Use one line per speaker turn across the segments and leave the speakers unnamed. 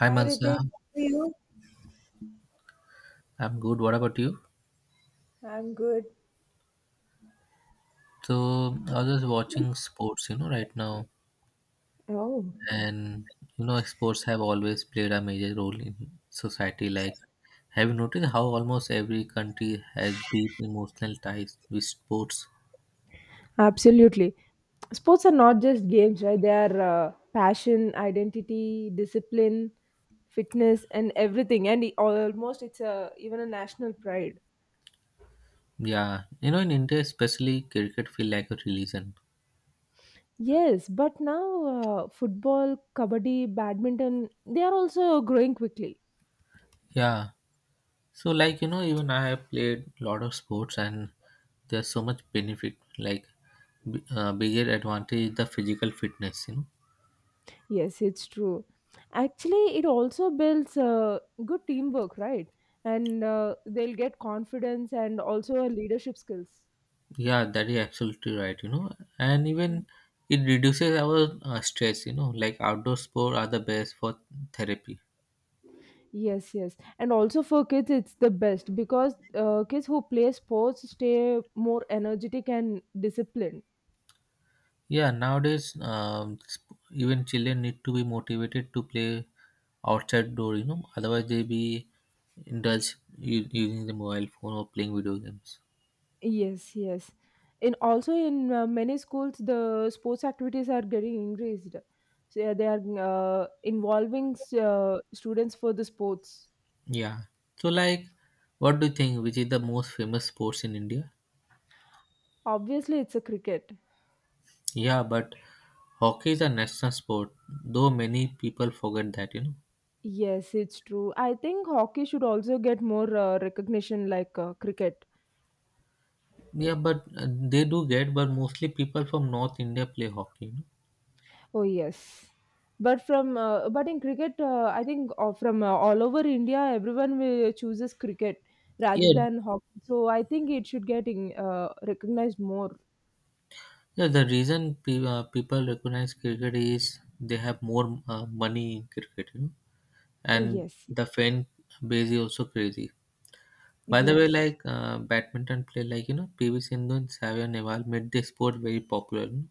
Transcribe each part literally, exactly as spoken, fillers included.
Hi
Hi
Mansa,
Ritik, how are you?
I'm good. What about you?
I'm good.
So I was just watching sports, you know, right now,
Oh,
and you know, sports have always played a major role in society. Like, have you noticed how almost every country has deep emotional ties with sports?
absolutely. Sports are not just games, right? They are uh, passion, identity, discipline, fitness, and everything. And it- almost it's a even a national pride.
Yeah, you know, in India, especially cricket feel like a religion.
Yes, but now uh, football, kabaddi, badminton, they are also growing quickly.
Yeah, so like you know, even I have played a lot of sports, and there's so much benefit. Like, b- uh, bigger advantage is the physical fitness, you know.
Yes, it's true. Actually, it also builds uh, good teamwork, right? And uh, they'll get confidence and also leadership skills.
Yeah, that is absolutely right, you know, and even it reduces our uh, stress, you know, like outdoor sport are the best for therapy.
Yes, yes. And also for kids, it's the best because uh, kids who play sports stay more energetic and disciplined.
Yeah, nowadays, um, sp- even children need to be motivated to play outside door, you know, otherwise they be indulged u- using the mobile phone or playing video games.
Yes, yes. In also in uh, many schools, the sports activities are getting increased. So yeah, they are uh, involving uh, students for the sports.
Yeah, so like, what do you think? Which is the most famous sports in India?
Obviously, it's a cricket.
Yeah, but hockey is a national sport, though many people forget that, you know.
Yes, it's true. I think hockey should also get more uh, recognition like uh, cricket.
Yeah, but uh, they do get, but mostly people from North India play hockey, you know.
Oh yes, but from uh, but in cricket, uh, I think uh, from uh, all over India, everyone will chooses cricket rather
Yeah,
than hockey. So I think it should get in, uh, recognized more.
yeah. The reason pe- uh, people recognize cricket is they have more uh, money in cricket, you know,
Uh,
and
yes,
the fan base is also crazy. By the way,
yes,
like uh, badminton play, like you know, P V Sindhu and Savia Neval made this sport very popular, you know.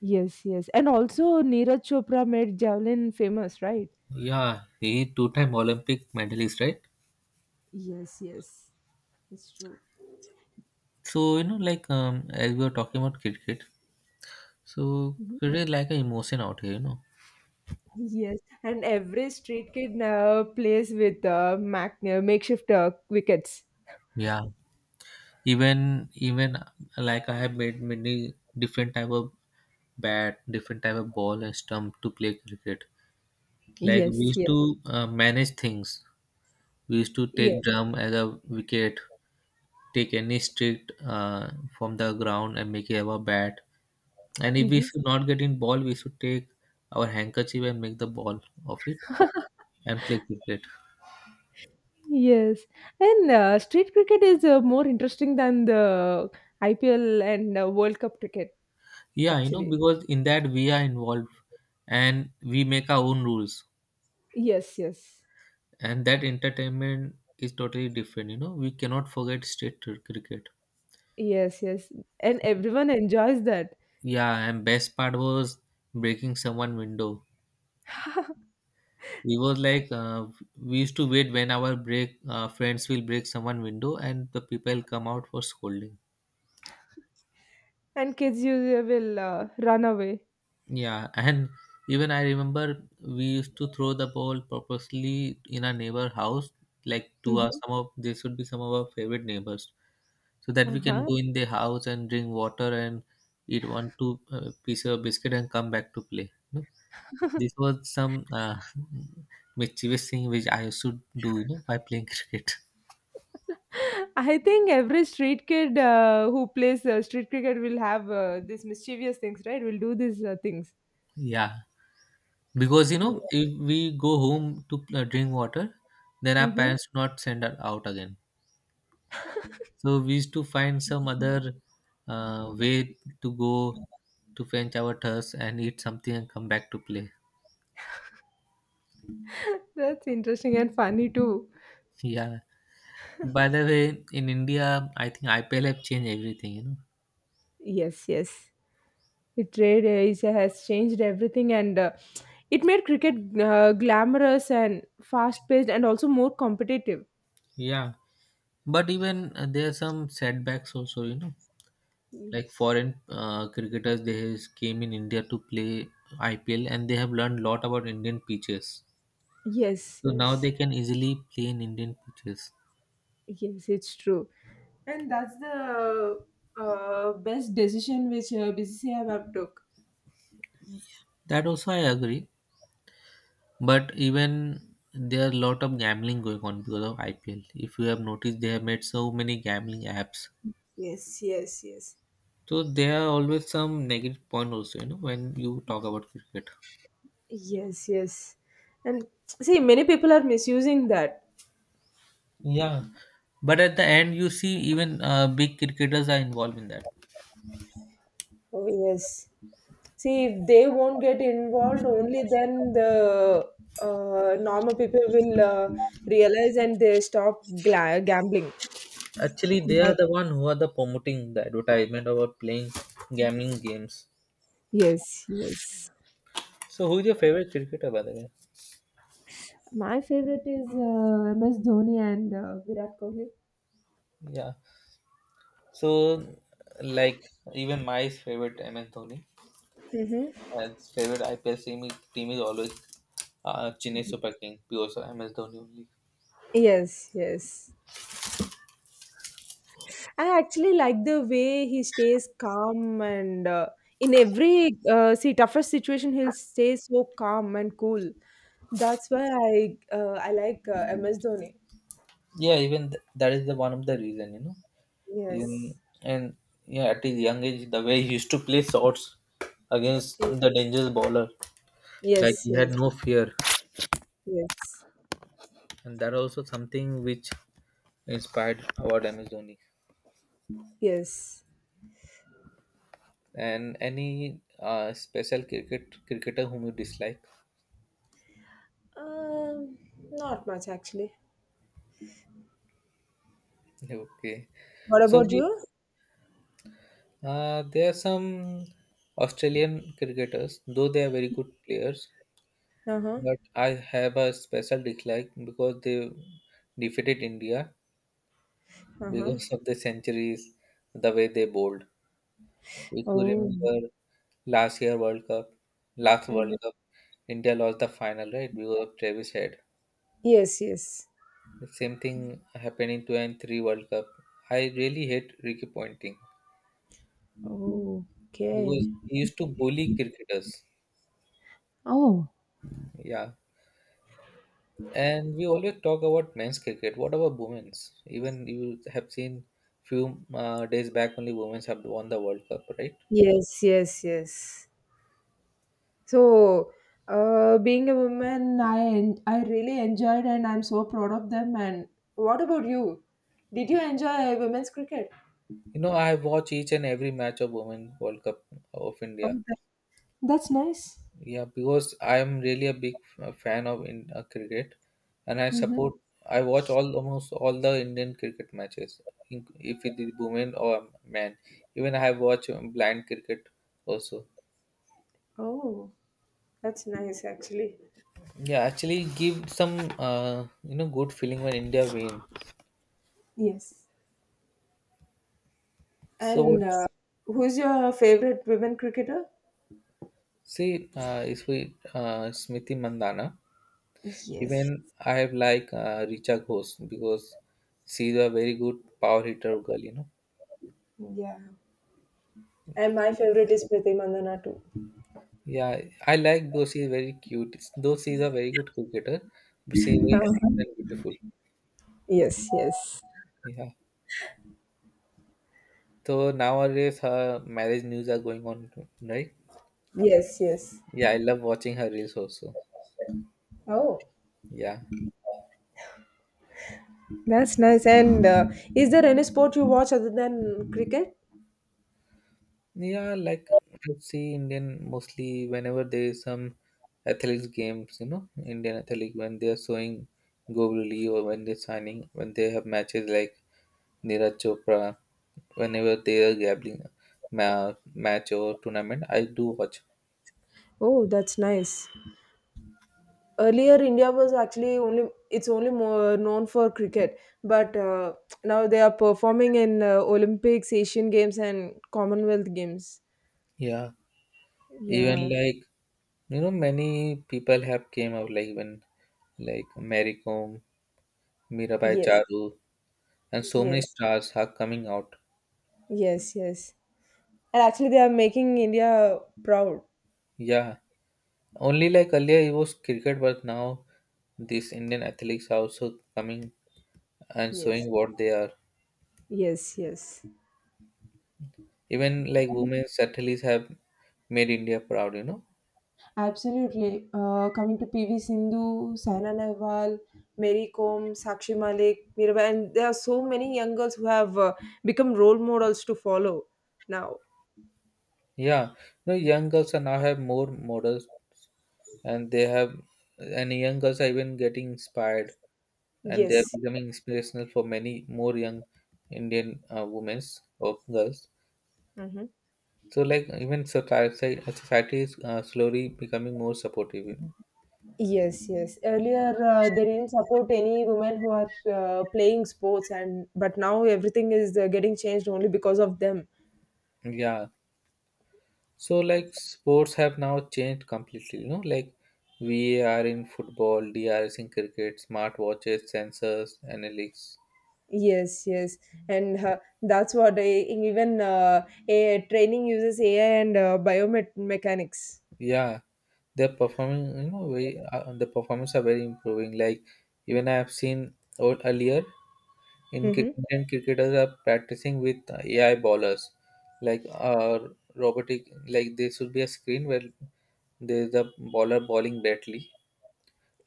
yes, yes, and also Neeraj Chopra made javelin famous, right?
Yeah, he two-time Olympic medalist, right?
Yes, yes, it's true.
So you know, like um, as we were talking about cricket, so
Mhm.
cricket is like an emotion out here, you know.
Yes, and every street kid now plays with uh, mac- uh, makeshift uh, wickets.
Yeah. Even even uh, like I have made many different type of bat, different type of ball and stump to play cricket. Like
Yes,
we used
yes,
to uh, manage things. We used to take
yes.
drum as a wicket, take any stick uh, from the ground and make it our bat. And if we should not get in ball, we should take our handkerchief and make the ball of it and play cricket.
Yes, and uh, street cricket is uh, more interesting than the I P L and uh, World Cup cricket,
Yeah, you know
actually.
because in that we are involved and we make our own rules.
Yes, yes,
And that entertainment is totally different, you know, we cannot forget state cr- cricket.
yes, yes, and everyone enjoys that.
Yeah, and best part was breaking someone window. We was like uh, we used to wait when our break uh, friends will break someone window and the people come out for scolding.
And kids usually will uh, run away.
Yeah, and even I remember we used to throw the ball purposely in our neighbor house, like to our
Mhm.
some of they should be some of our favorite neighbors, so that we can
Uh-huh.
go in their house and drink water and eat one two uh, piece of biscuit and come back to play. You know? This was some uh, mischievous thing which I used to do, you know, by playing cricket.
I think every street kid uh, who plays uh, street cricket will have uh, these mischievous things, right? Will do these uh, things.
Yeah, because you
Yeah.
know if we go home to uh, drink water, then our
Hmm.
parents do not send us out again. So we used to find some other uh, way to go to quench our thirst and eat something and come back to play.
That's interesting and funny too.
Yeah. By the way, in India, I think I P L have changed everything, you know.
Yes, yes. The trade is, has changed everything, and uh, it made cricket uh, glamorous and fast-paced, and also more competitive.
Yeah. But even uh, there are some setbacks also, you know, like
Yes.
foreign uh, cricketers they has came in India to play I P L and they have learned a lot about Indian pitches.
Yes,
So now
yes,
they can easily play in Indian pitches.
yes, it's true. And that's the uh, best decision which uh, B C C I have took.
That also I agree. But even there are a lot of gambling going on because of I P L. If you have noticed, they have made so many gambling apps.
Yes, yes, yes.
So there are always some negative point also, you know, when you talk about cricket.
Yes, yes. And see, many people are misusing that.
Yeah. But at the end, you see even uh, big cricketers are involved in that.
Oh, yes. See, if they won't get involved, only then the uh, normal people will uh, realize and they stop gla- gambling.
Actually, they are
But
the one who are the promoting the advertisement about playing gambling games.
yes, yes.
So who is your favorite cricketer, by the way?
My favorite is uh, M S Dhoni and uh, Virat Kohli.
Yeah. So, like even my favorite M S Dhoni. And his favorite I P L team is, team is always uh, Chennai Super King because M S Dhoni only.
Yes, yes. I actually like the way he stays calm and uh, in every uh, see toughest situation he'll stay so calm and cool. That's why I uh, I like uh, M S Dhoni.
Yeah, even th- that is the one of the reason, you know. In,
Yes.
and yeah, at his young age, the way he used to play shots against
Yes.
the dangerous bowler, like
Yes.
he
Yes.
had no fear,
Yes.
and that also something which inspired about M S Dhoni.
Yes.
And any uh, special cricket cricketer whom you dislike?
Um, Not much, actually.
Okay,
What
so
about
we
you?
Uh, there are some Australian cricketers, though they are very good players,
Uh huh.
but I have a special dislike because they defeated India
Uh huh.
because of the centuries, the way they bowled. If you
Oh.
remember last year World Cup, last World
Mhm.
Cup, India lost the final, right, because of Travis Head.
Yes. Yes.
The same thing happened in two and three World Cup. I really hate Ricky Ponting
Oh,
because
okay.
he used to bully cricketers.
Oh,
Yeah, and we always talk about men's cricket. What about women's? Even you have seen few uh, days back only women's have won the World Cup, right?
yes, yes, yes. So, uh, being a woman, I en- I really enjoyed, and I'm so proud of them. And what about you? Did you enjoy women's cricket?
You know, I watch each and every match of Women World Cup of
Oh,
India.
that- that's nice.
Yeah, because I am really a big uh, fan of in uh, cricket, and I support. I watch all almost all the Indian cricket matches, in- if it is women or men. Even I have watched um, blind cricket also.
Oh, that's nice, actually.
Yeah, actually, give some uh, you know good feeling when India win.
Yes.
So what,
And uh, who's your favorite women cricketer?
see uh, if we uh, Smriti Mandana,
Yes,
even I have like uh, Richa Ghosh because she's a very good power hitter girl, you know.
yeah. And my favorite is Priti Mandana too.
Yeah, I like though she is very cute. Though she is a very good cricketer, but she is
Huh.
very cute and beautiful.
Yes, yes.
Yeah. So nowadays her marriage news are going on, right?
Yes, yes.
Yeah, I love watching her reels also.
Oh,
Yeah.
that's nice. And uh, is there any sport you watch other than cricket?
Yeah, like I see Indian mostly whenever there is some athletics games, you know, Indian athletic when they are showing Govili or when they're signing, when they have matches like Neeraj Chopra, whenever they are gambling ma- match or tournament, I do watch.
Oh, that's nice. Earlier, India was actually only it's only more known for cricket, but uh, now they are performing in uh, Olympics, Asian Games, and Commonwealth Games.
Yeah, even
Yeah.
like you know, many people have came out like when like Mary Kom, Mirabai
Yes,
Charu, and so many
yes,
stars are coming out.
yes, yes. And actually, they are making India proud.
Yeah, only like earlier it was cricket, but now these Indian athletes are also coming and
Yes,
showing what they are.
yes, yes.
Even like women's athletes have made India proud, you know.
Absolutely. Uh, coming to P V Sindhu, Saina Nehwal, Mary Kom, Sakshi Malik, Mirabai, and there are so many young girls who have uh, become role models to follow now.
Yeah, you know, young girls are now have more models, and they have, and young girls are even getting inspired, and they are
Yes.
becoming inspirational for many more young Indian uh, women or girls.
Hmm.
So like even society, society is uh, slowly becoming more supportive, you know.
Yes, yes. Earlier, uh, they didn't support any women who are uh, playing sports, and but now everything is uh, getting changed only because of them.
Yeah, so like sports have now changed completely, you know, like V A R in football, D R S in cricket, smartwatches, sensors, analytics.
Yes, yes, and uh, that's what they, even uh, A I training uses A I and uh, biomechanics.
Yeah, they're performing, you know, very, uh, the performance are very improving. Like even I have seen o- earlier in cri-
Hmm.
Indian cricketers are practicing with A I bowlers, like uh, robotic. Like there should be a screen where there's a bowler bowling badly,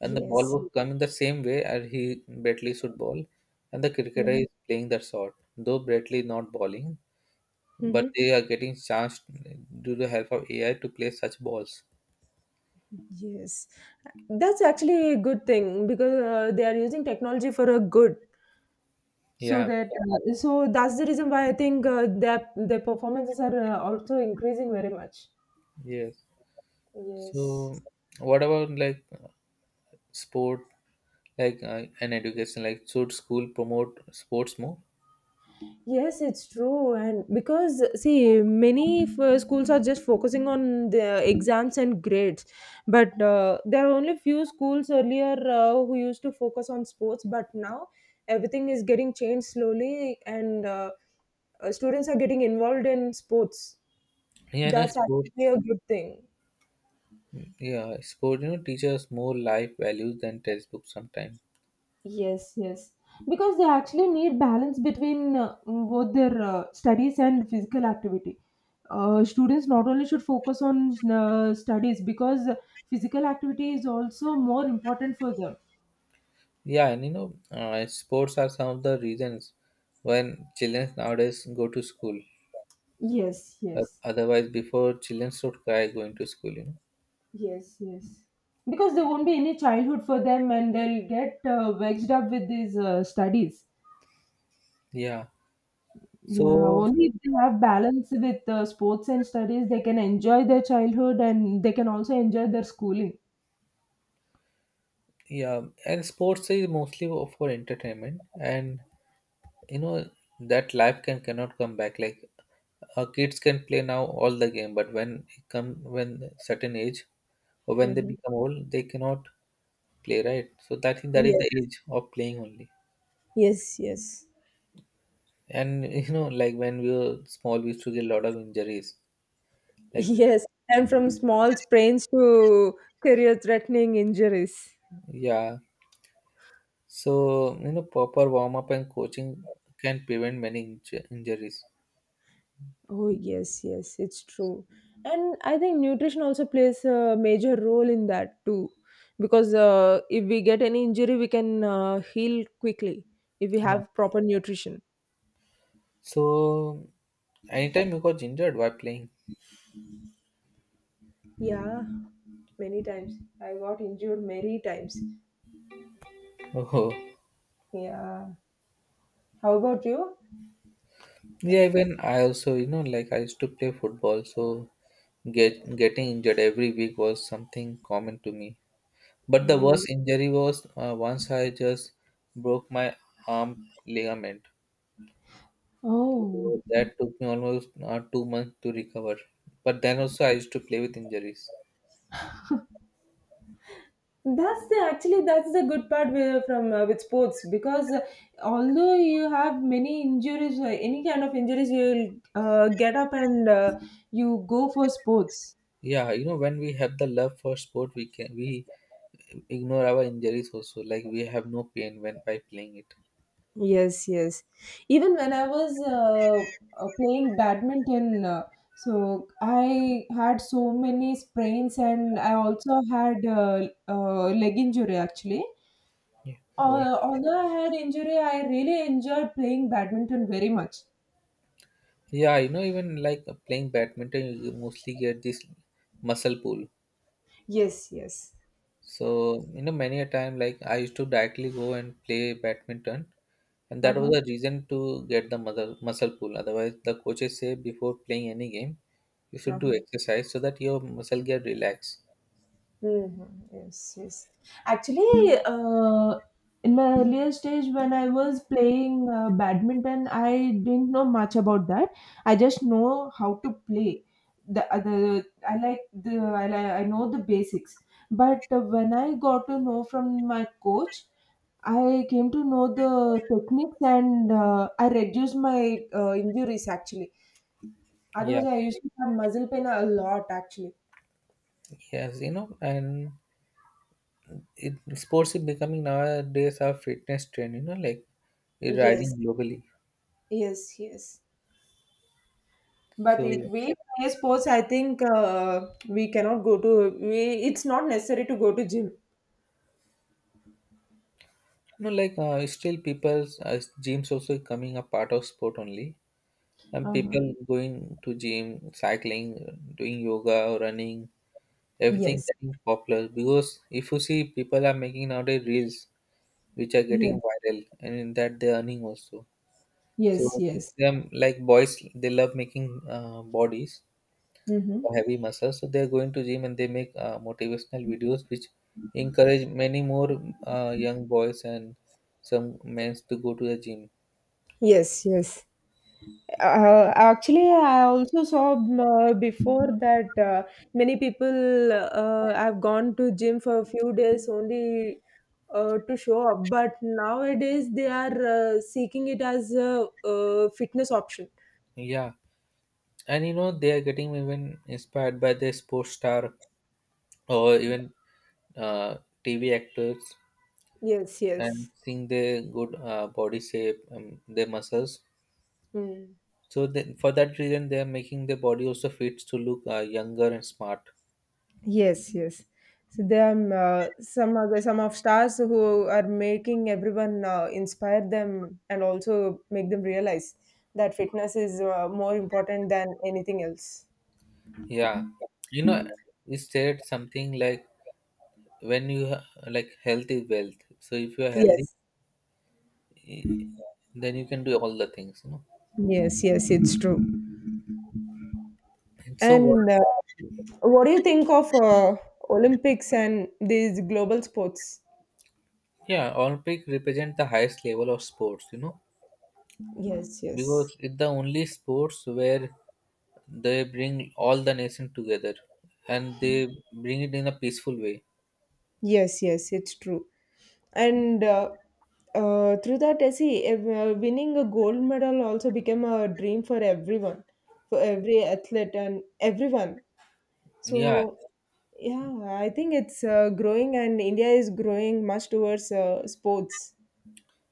and the ball
Yes.
will come in the same way as he Bradley should ball, and the cricketer is
Hmm.
playing the shot. Though Bradley not bowling, but
Hmm.
they are getting chance due to help of A I to play such balls.
Yes, that's actually a good thing because uh, they are using technology for a good. so
Yeah,
that uh, so that's the reason why I think uh, their their performances are uh, also increasing very much.
yes. So,
Yes.
what about like sport, like uh, an education? Like, should school promote sports more?
Yes, it's true. And because see, many f- uh, schools are just focusing on the exams and grades, but uh, there are only few schools earlier uh, who used to focus on sports, but now everything is getting changed slowly, and uh, uh, students are getting involved in sports.
Yeah, no,
That's
sport.
actually a good thing.
Yeah, sport, you know, teaches more life values than textbooks sometimes.
Yes, yes. Because they actually need balance between uh, both their uh, studies and physical activity. Uh, students not only should focus on uh, studies because physical activity is also more important for them.
Yeah, and you know, uh, sports are some of the reasons when children nowadays go to school.
Yes,
Uh,
yes,
otherwise, before children should cry going to school, you know.
yes, yes. Because there won't be any childhood for them and they'll get uh, vexed up with these uh, studies.
Yeah.
Yeah,
So
only if they have balance with uh, sports and studies, they can enjoy their childhood and they can also enjoy their schooling.
yeah, and sports is mostly for entertainment, and you know that life can cannot come back. Like uh, kids can play now all the game, but when it come when certain age or when they
Hmm.
become old, they cannot play right. So that that is the
Yes,
age of playing only.
yes, yes.
And you know, like when we were small, we used to get a lot of injuries. Like,
Yes. And from small sprains to career-threatening injuries.
yeah. So, you know, proper warm up and coaching can prevent many inj- injuries.
Oh, yes, yes, it's true. And I think nutrition also plays a major role in that too. Because uh, if we get any injury, we can uh, heal quickly if we
Yeah.
have proper nutrition.
So, anytime you got injured while playing.
Yeah, many times. I got injured many times.
Oh.
Yeah. How about you?
Yeah, even I also, you know, like I used to play football, so get getting injured every week was something common to me. But the worst injury was uh, once I just broke my arm ligament.
Oh,
So that took me almost uh, two months to recover. But then also I used to play with injuries.
That's the actually that's the good part with, from uh, with sports because uh, although you have many injuries, uh, any kind of injuries, you'll uh, get up and uh, you go for sports.
Yeah, you know when we have the love for sport, we can we ignore our injuries also. Like we have no pain when by playing it.
Yes, yes. Even when I was uh, uh, playing badminton, uh, so I had so many sprains and I also had uh, uh, leg injury, actually.
Yeah. Oh.
Uh, although I had injury, I really enjoyed playing badminton very much.
Yeah, you know even like uh, playing badminton, you mostly get this muscle pull.
Yes, yes.
So you know many a time like I used to directly go and play badminton, and that was
Uh-huh,
the reason to get the muscle, muscle pull. Otherwise, the coaches say before playing any game, you should do
uh-huh.
exercise so that your muscle get relaxed.
Mhm. Yes, yes. Actually, uh, in my earlier stage when I was playing uh, badminton, I didn't know much about that. I just know how to play. The other, I like the I like, I know the basics. But uh, when I got to know from my coach, I came to know the techniques and uh, I reduced my uh, injuries, actually.
Yeah,
Otherwise, I used to have muscle pain a lot, actually.
yes, you know, and it, sports is becoming nowadays a fitness trend. You know, like it's
Yes.
rising globally.
Yes, yes. But
So
if
you
we play sports, I think uh, we cannot go to. We, it's not necessary to go to gym.
know, like uh, still people's uh, gyms also coming a part of sport only, and
Uh-huh.
people going to gym, cycling, doing yoga, running, everything
Yes,
getting popular because if you see people are making nowadays reels which are
yes,
getting viral and in that they're earning also.
yes,
So
yes.
them like boys, they love making uh, bodies
Mm-hmm.
or heavy muscles. So they're going to gym and they make uh, motivational videos which encourage many more uh, young boys and some men to go to the gym.
Yes, yes. Uh, actually, I also saw um, uh, before that uh, many people uh, have gone to gym for a few days only uh, to show up. But nowadays, they are uh, seeking it as a, uh fitness option.
Yeah, and you know they are getting even inspired by the sports star or even uh, T V actors
Yes,
and
yes.
seeing their good uh, body shape, um, their muscles.
Mm.
So then, for that reason, they are making the body also fits to look uh, younger and smart.
Yes, yes. So there are uh, some other some of stars who are making everyone uh, inspire them and also make them realize that fitness is uh, more important than anything else.
Yeah, you know, you said something like when you ha- like health is wealth. So if you are healthy,
Yes,
eh, then you can do all the things, you know.
yes, yes. It's true.
And so what?
And uh, what do you think of uh, Olympics and these global sports?
Yeah, Olympic represent the highest level of sports, you know,
Yes, yes,
because it's the only sports where they bring all the nation together and they bring it in a peaceful way.
yes, yes. It's true. and uh, uh, through that I see ev- uh, winning a gold medal also became a dream for everyone for every athlete and everyone. So
Yeah,
yeah, I think it's uh, growing and India is growing much towards uh, sports.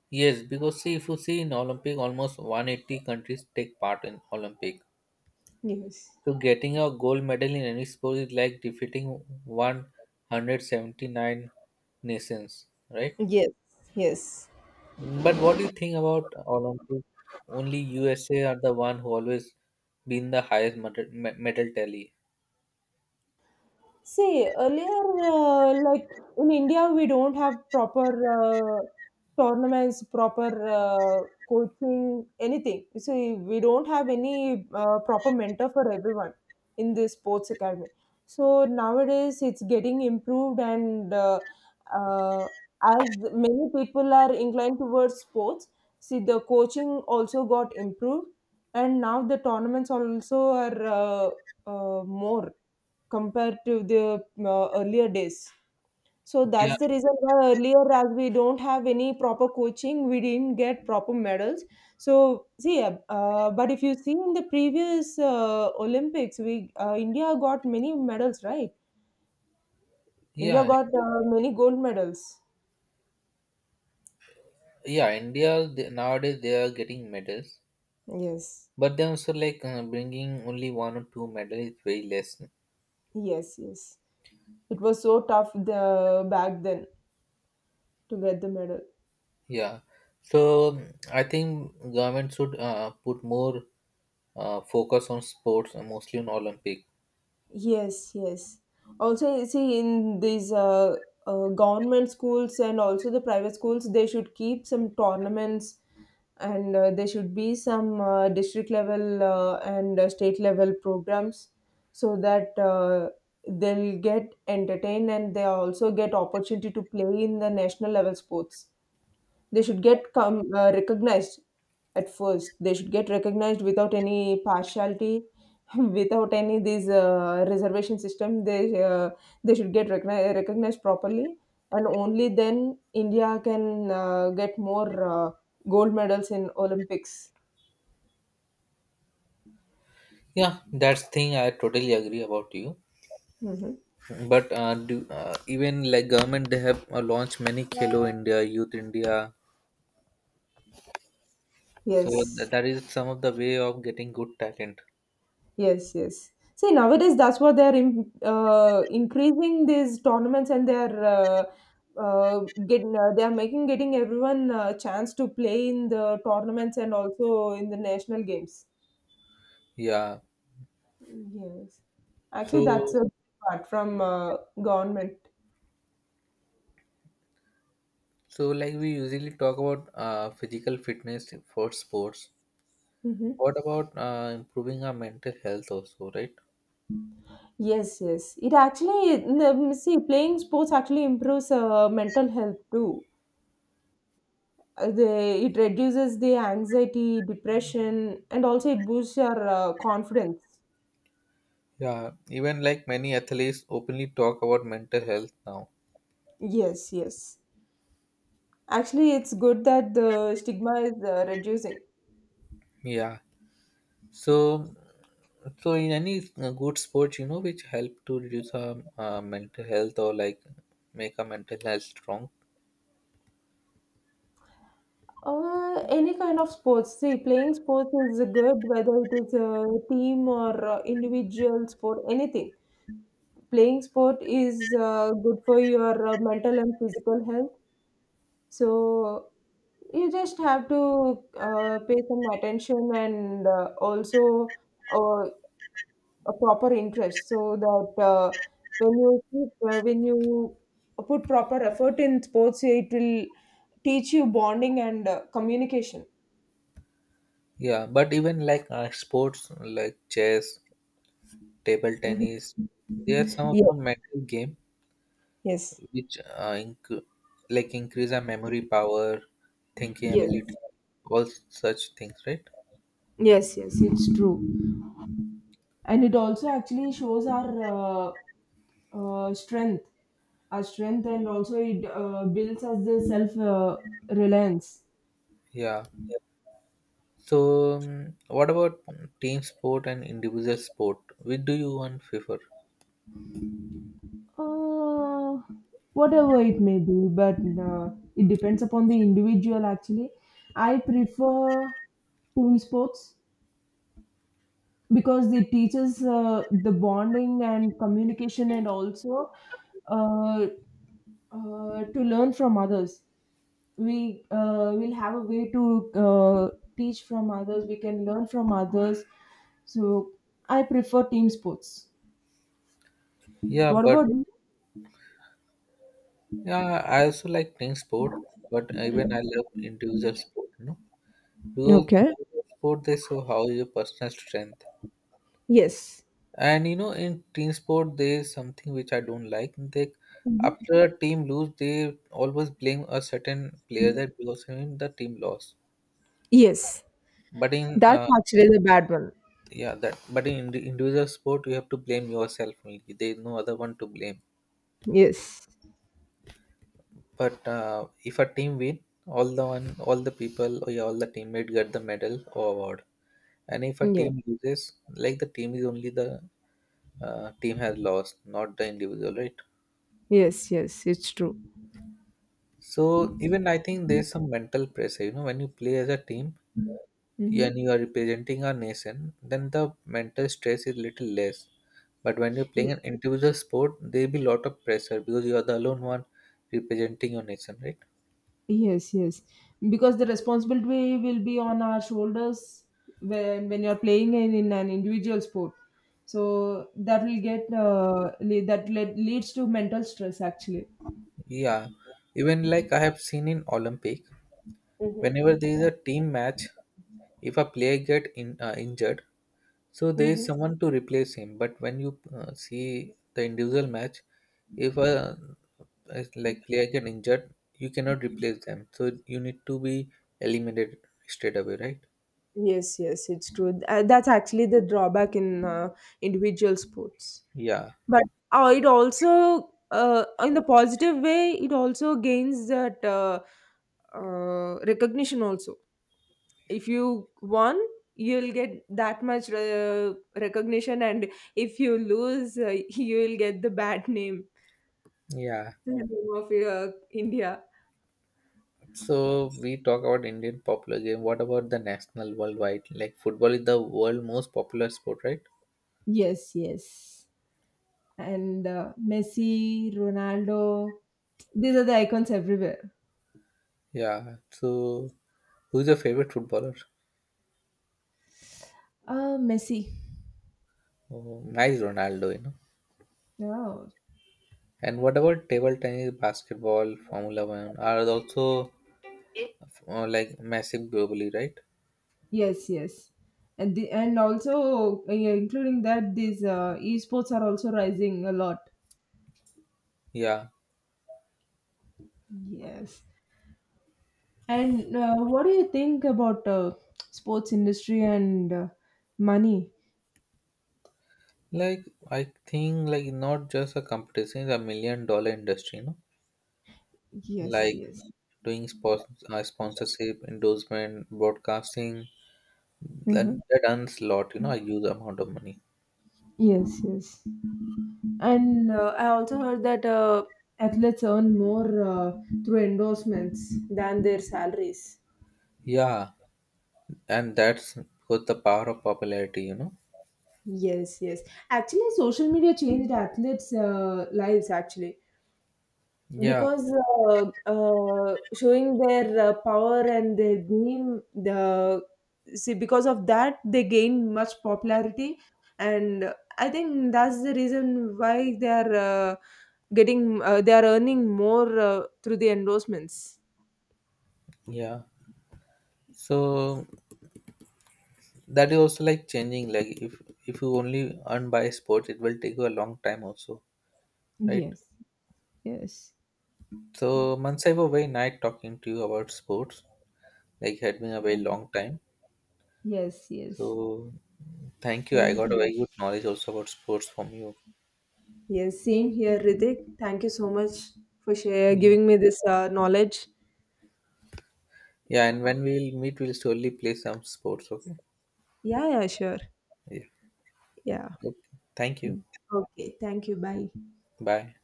yes, because see, if you see in Olympic, almost one hundred eighty countries take part in Olympic.
Yes,
So getting a gold medal in any sport is like defeating one hundred seventy-nine nations, right?
yes, yes.
But what do you think about Olympic? Only U S A are the one who always been the highest medal, me- medal tally.
See, earlier, uh, like in India, we don't have proper uh, tournaments, proper uh, coaching, anything. See, we don't have any uh, proper mentor for everyone in the sports academy. So nowadays, it's getting improved, and uh, uh, as many people are inclined towards sports, see the coaching also got improved, and now the tournaments also are uh, uh, more compared to the uh, earlier days. So
Yeah,
that's the reason why earlier, as we don't have any proper coaching, we didn't get proper medals. So see, uh, uh, but if you see in the previous uh, Olympics, we uh, India got many medals, right? India
yeah,
got uh, many gold medals.
yeah. India they, nowadays they are getting medals,
Yes,
but they also like uh, bringing only one or two medals is very less.
yes, yes. It was so tough the, back then to get the medal.
Yeah. So mm, I think government should uh, put more uh, focus on sports and mostly on Olympic.
Yes, yes. Also, you see, in these uh, uh, government schools and also the private schools, they should keep some tournaments and uh, there should be some uh, district level uh, and uh, state level programs so that uh, they'll get entertained and they also get opportunity to play in the national level sports. They should get come uh, recognized at first. They should get recognized without any partiality, without any these uh, reservation system. They uh, they should get recogni- recognized properly, and only then India can uh, get more uh, gold medals in Olympics.
Yeah, that's thing I totally agree about you.
Hmm.
But uh, do, uh, even like government, they have uh, launched many Khelo India, Youth India. So th-
Yes.
that is some of the way of getting good talent.
Yes, yes. See, nowadays that's what they're in, uh, increasing these tournaments and they're uh, uh, getting uh, they're making getting everyone a chance to play in the tournaments and also in the national games.
Yeah.
Yes, actually,
So
that's a part from uh, government.
so like we usually talk about uh, physical fitness for sports.
Hmm.
What about uh, improving our mental health also, right?
Yes, yes. It actually, n- um, see, playing sports actually improves uh, mental health too. Uh, they, it reduces the anxiety depression and also it boosts your uh, confidence.
Yeah, even like many athletes openly talk about mental health now.
Yes, yes. Actually, it's good that the stigma is uh, reducing.
Yeah. So, so in any uh, good sports, you know, which help to reduce our uh, mental health or like make our mental health strong.
Uh, any kind of sports, see, playing sports is good whether it is a team or uh, individual sport, anything. Playing sport is uh, good for your uh, mental and physical health. So you just have to uh, pay some attention and uh, also uh, a proper interest, so that uh, when you keep, uh, when you put proper effort in sports, it will teach you bonding and uh, communication.
Yeah, but even like uh, sports like chess, table
Mhm.
tennis, there are some of the mental game
Yes,
which uh, inc- like increase our memory power, thinking
yes.
ability, all such things, right?
Yes, yes, yes, it's true. And it also actually shows our uh, uh, strength our strength and also it uh, builds us the self uh, reliance.
Yeah. So, um, what about team sport and individual sport? Which do you want prefer?
uh, Whatever it may be, but uh, it depends upon the individual, actually. I prefer team sports because it teaches uh, the bonding and communication and also uh, uh, to learn from others. We uh, will have a way to uh, teach from others. We can learn from others. So I prefer team sports.
Yeah,
What
but
about you?
yeah, I also like team sport, but even I love individual sport, you know, because
Okay.
individual sport they show how your personal strength.
Yes.
And you know, in team sport, there is something which I don't like. They after a team lose, they always blame a certain player that because of him the team lost.
Yes.
But in
That's
uh,
actually the bad one.
yeah, that but in indi- individual sport, you have to blame yourself only. There is no other one to blame.
Yes.
But uh, if a team win, all the one, all the people, or yeah, all the teammate get the medal or award. And if a
Yes.
team loses, like the team is only the uh, team has lost, not the individual, right?
Yes. Yes, it's true.
So even I think there's some mental pressure. You know, when you play as a team, yeah,
Mm-hmm.
and you are representing our nation, then the mental stress is little less. But when you're playing an individual sport, there will be lot of pressure because you are the alone one representing your nation, right?
Yes, yes. Because the responsibility will be on our shoulders when when you're playing in, in an individual sport. So that will get uh, le- that le- leads to mental stress, actually.
Yeah. Even like I have seen in Olympic, whenever
Mm-hmm.
there is a team match if a player get in, uh, injured so there is
Mm-hmm.
someone to replace him. But when you uh, see the individual match, if a if like player get injured, you cannot replace them, so you need to be eliminated straight away, right?
Yes. Yes, it's true. Th- uh, That's actually the drawback in uh, individual sports.
Yeah,
But uh, it also, uh, in the positive way, it also gains that uh, uh, recognition also. If you won, you'll get that much uh, recognition, and if you lose, uh, you'll get the bad name,
yeah.
the name of uh, India.
So we talk about Indian popular game, what about the national worldwide? Like football is the world most popular sport, right?
Yes, yes. And uh, Messi, Ronaldo, these are the icons everywhere.
Yeah, so who's your favorite footballer?
Uh, Messi.
Oh, nice. Ronaldo, you know.
Yeah.
And what about table tennis, basketball, Formula One are also uh, like massive globally, right?
Yes, yes, and the, and also uh, yeah, including that these uh, esports are also rising a lot.
Yeah,
Yes, and uh, what do you think about uh, sports industry and uh, money?
like I think like not just a competition, it's a million dollar industry, you know?
Yes,
Like
yes.
doing sports, uh, sponsorship, endorsement, broadcasting, that,
Hmm.
that earns a lot, you know, a huge amount of money.
Yes, yes, and uh, I also heard that uh, athletes earn more uh, through endorsements than their salaries.
Yeah, and that's with the power of popularity, you know?
Yes, yes. Actually, social media changed athletes' uh, lives. Actually,
Yeah,
because uh, uh, showing their uh, power and their game, the see because of that they gain much popularity, and I think that's the reason why they are uh, getting uh, they are earning more uh, through the endorsements.
yeah. So that is also like changing, like if if you only earn by sports it will take you a long time also, right?
Yes, yes.
So Mansai, was very nice talking to you about sports, like it had been a very long time.
Yes, yes.
So thank you, I
Same
got a
here.
very good knowledge also about sports from you.
Yes, same here, Ritik. Thank you so much for share,
Yeah,
giving me this uh, knowledge.
yeah, and when we'll meet we'll surely play some sports, okay?
Yeah, yeah, sure.
Yeah.
Yeah.
Okay, thank you.
Okay, thank you. Bye.
Bye.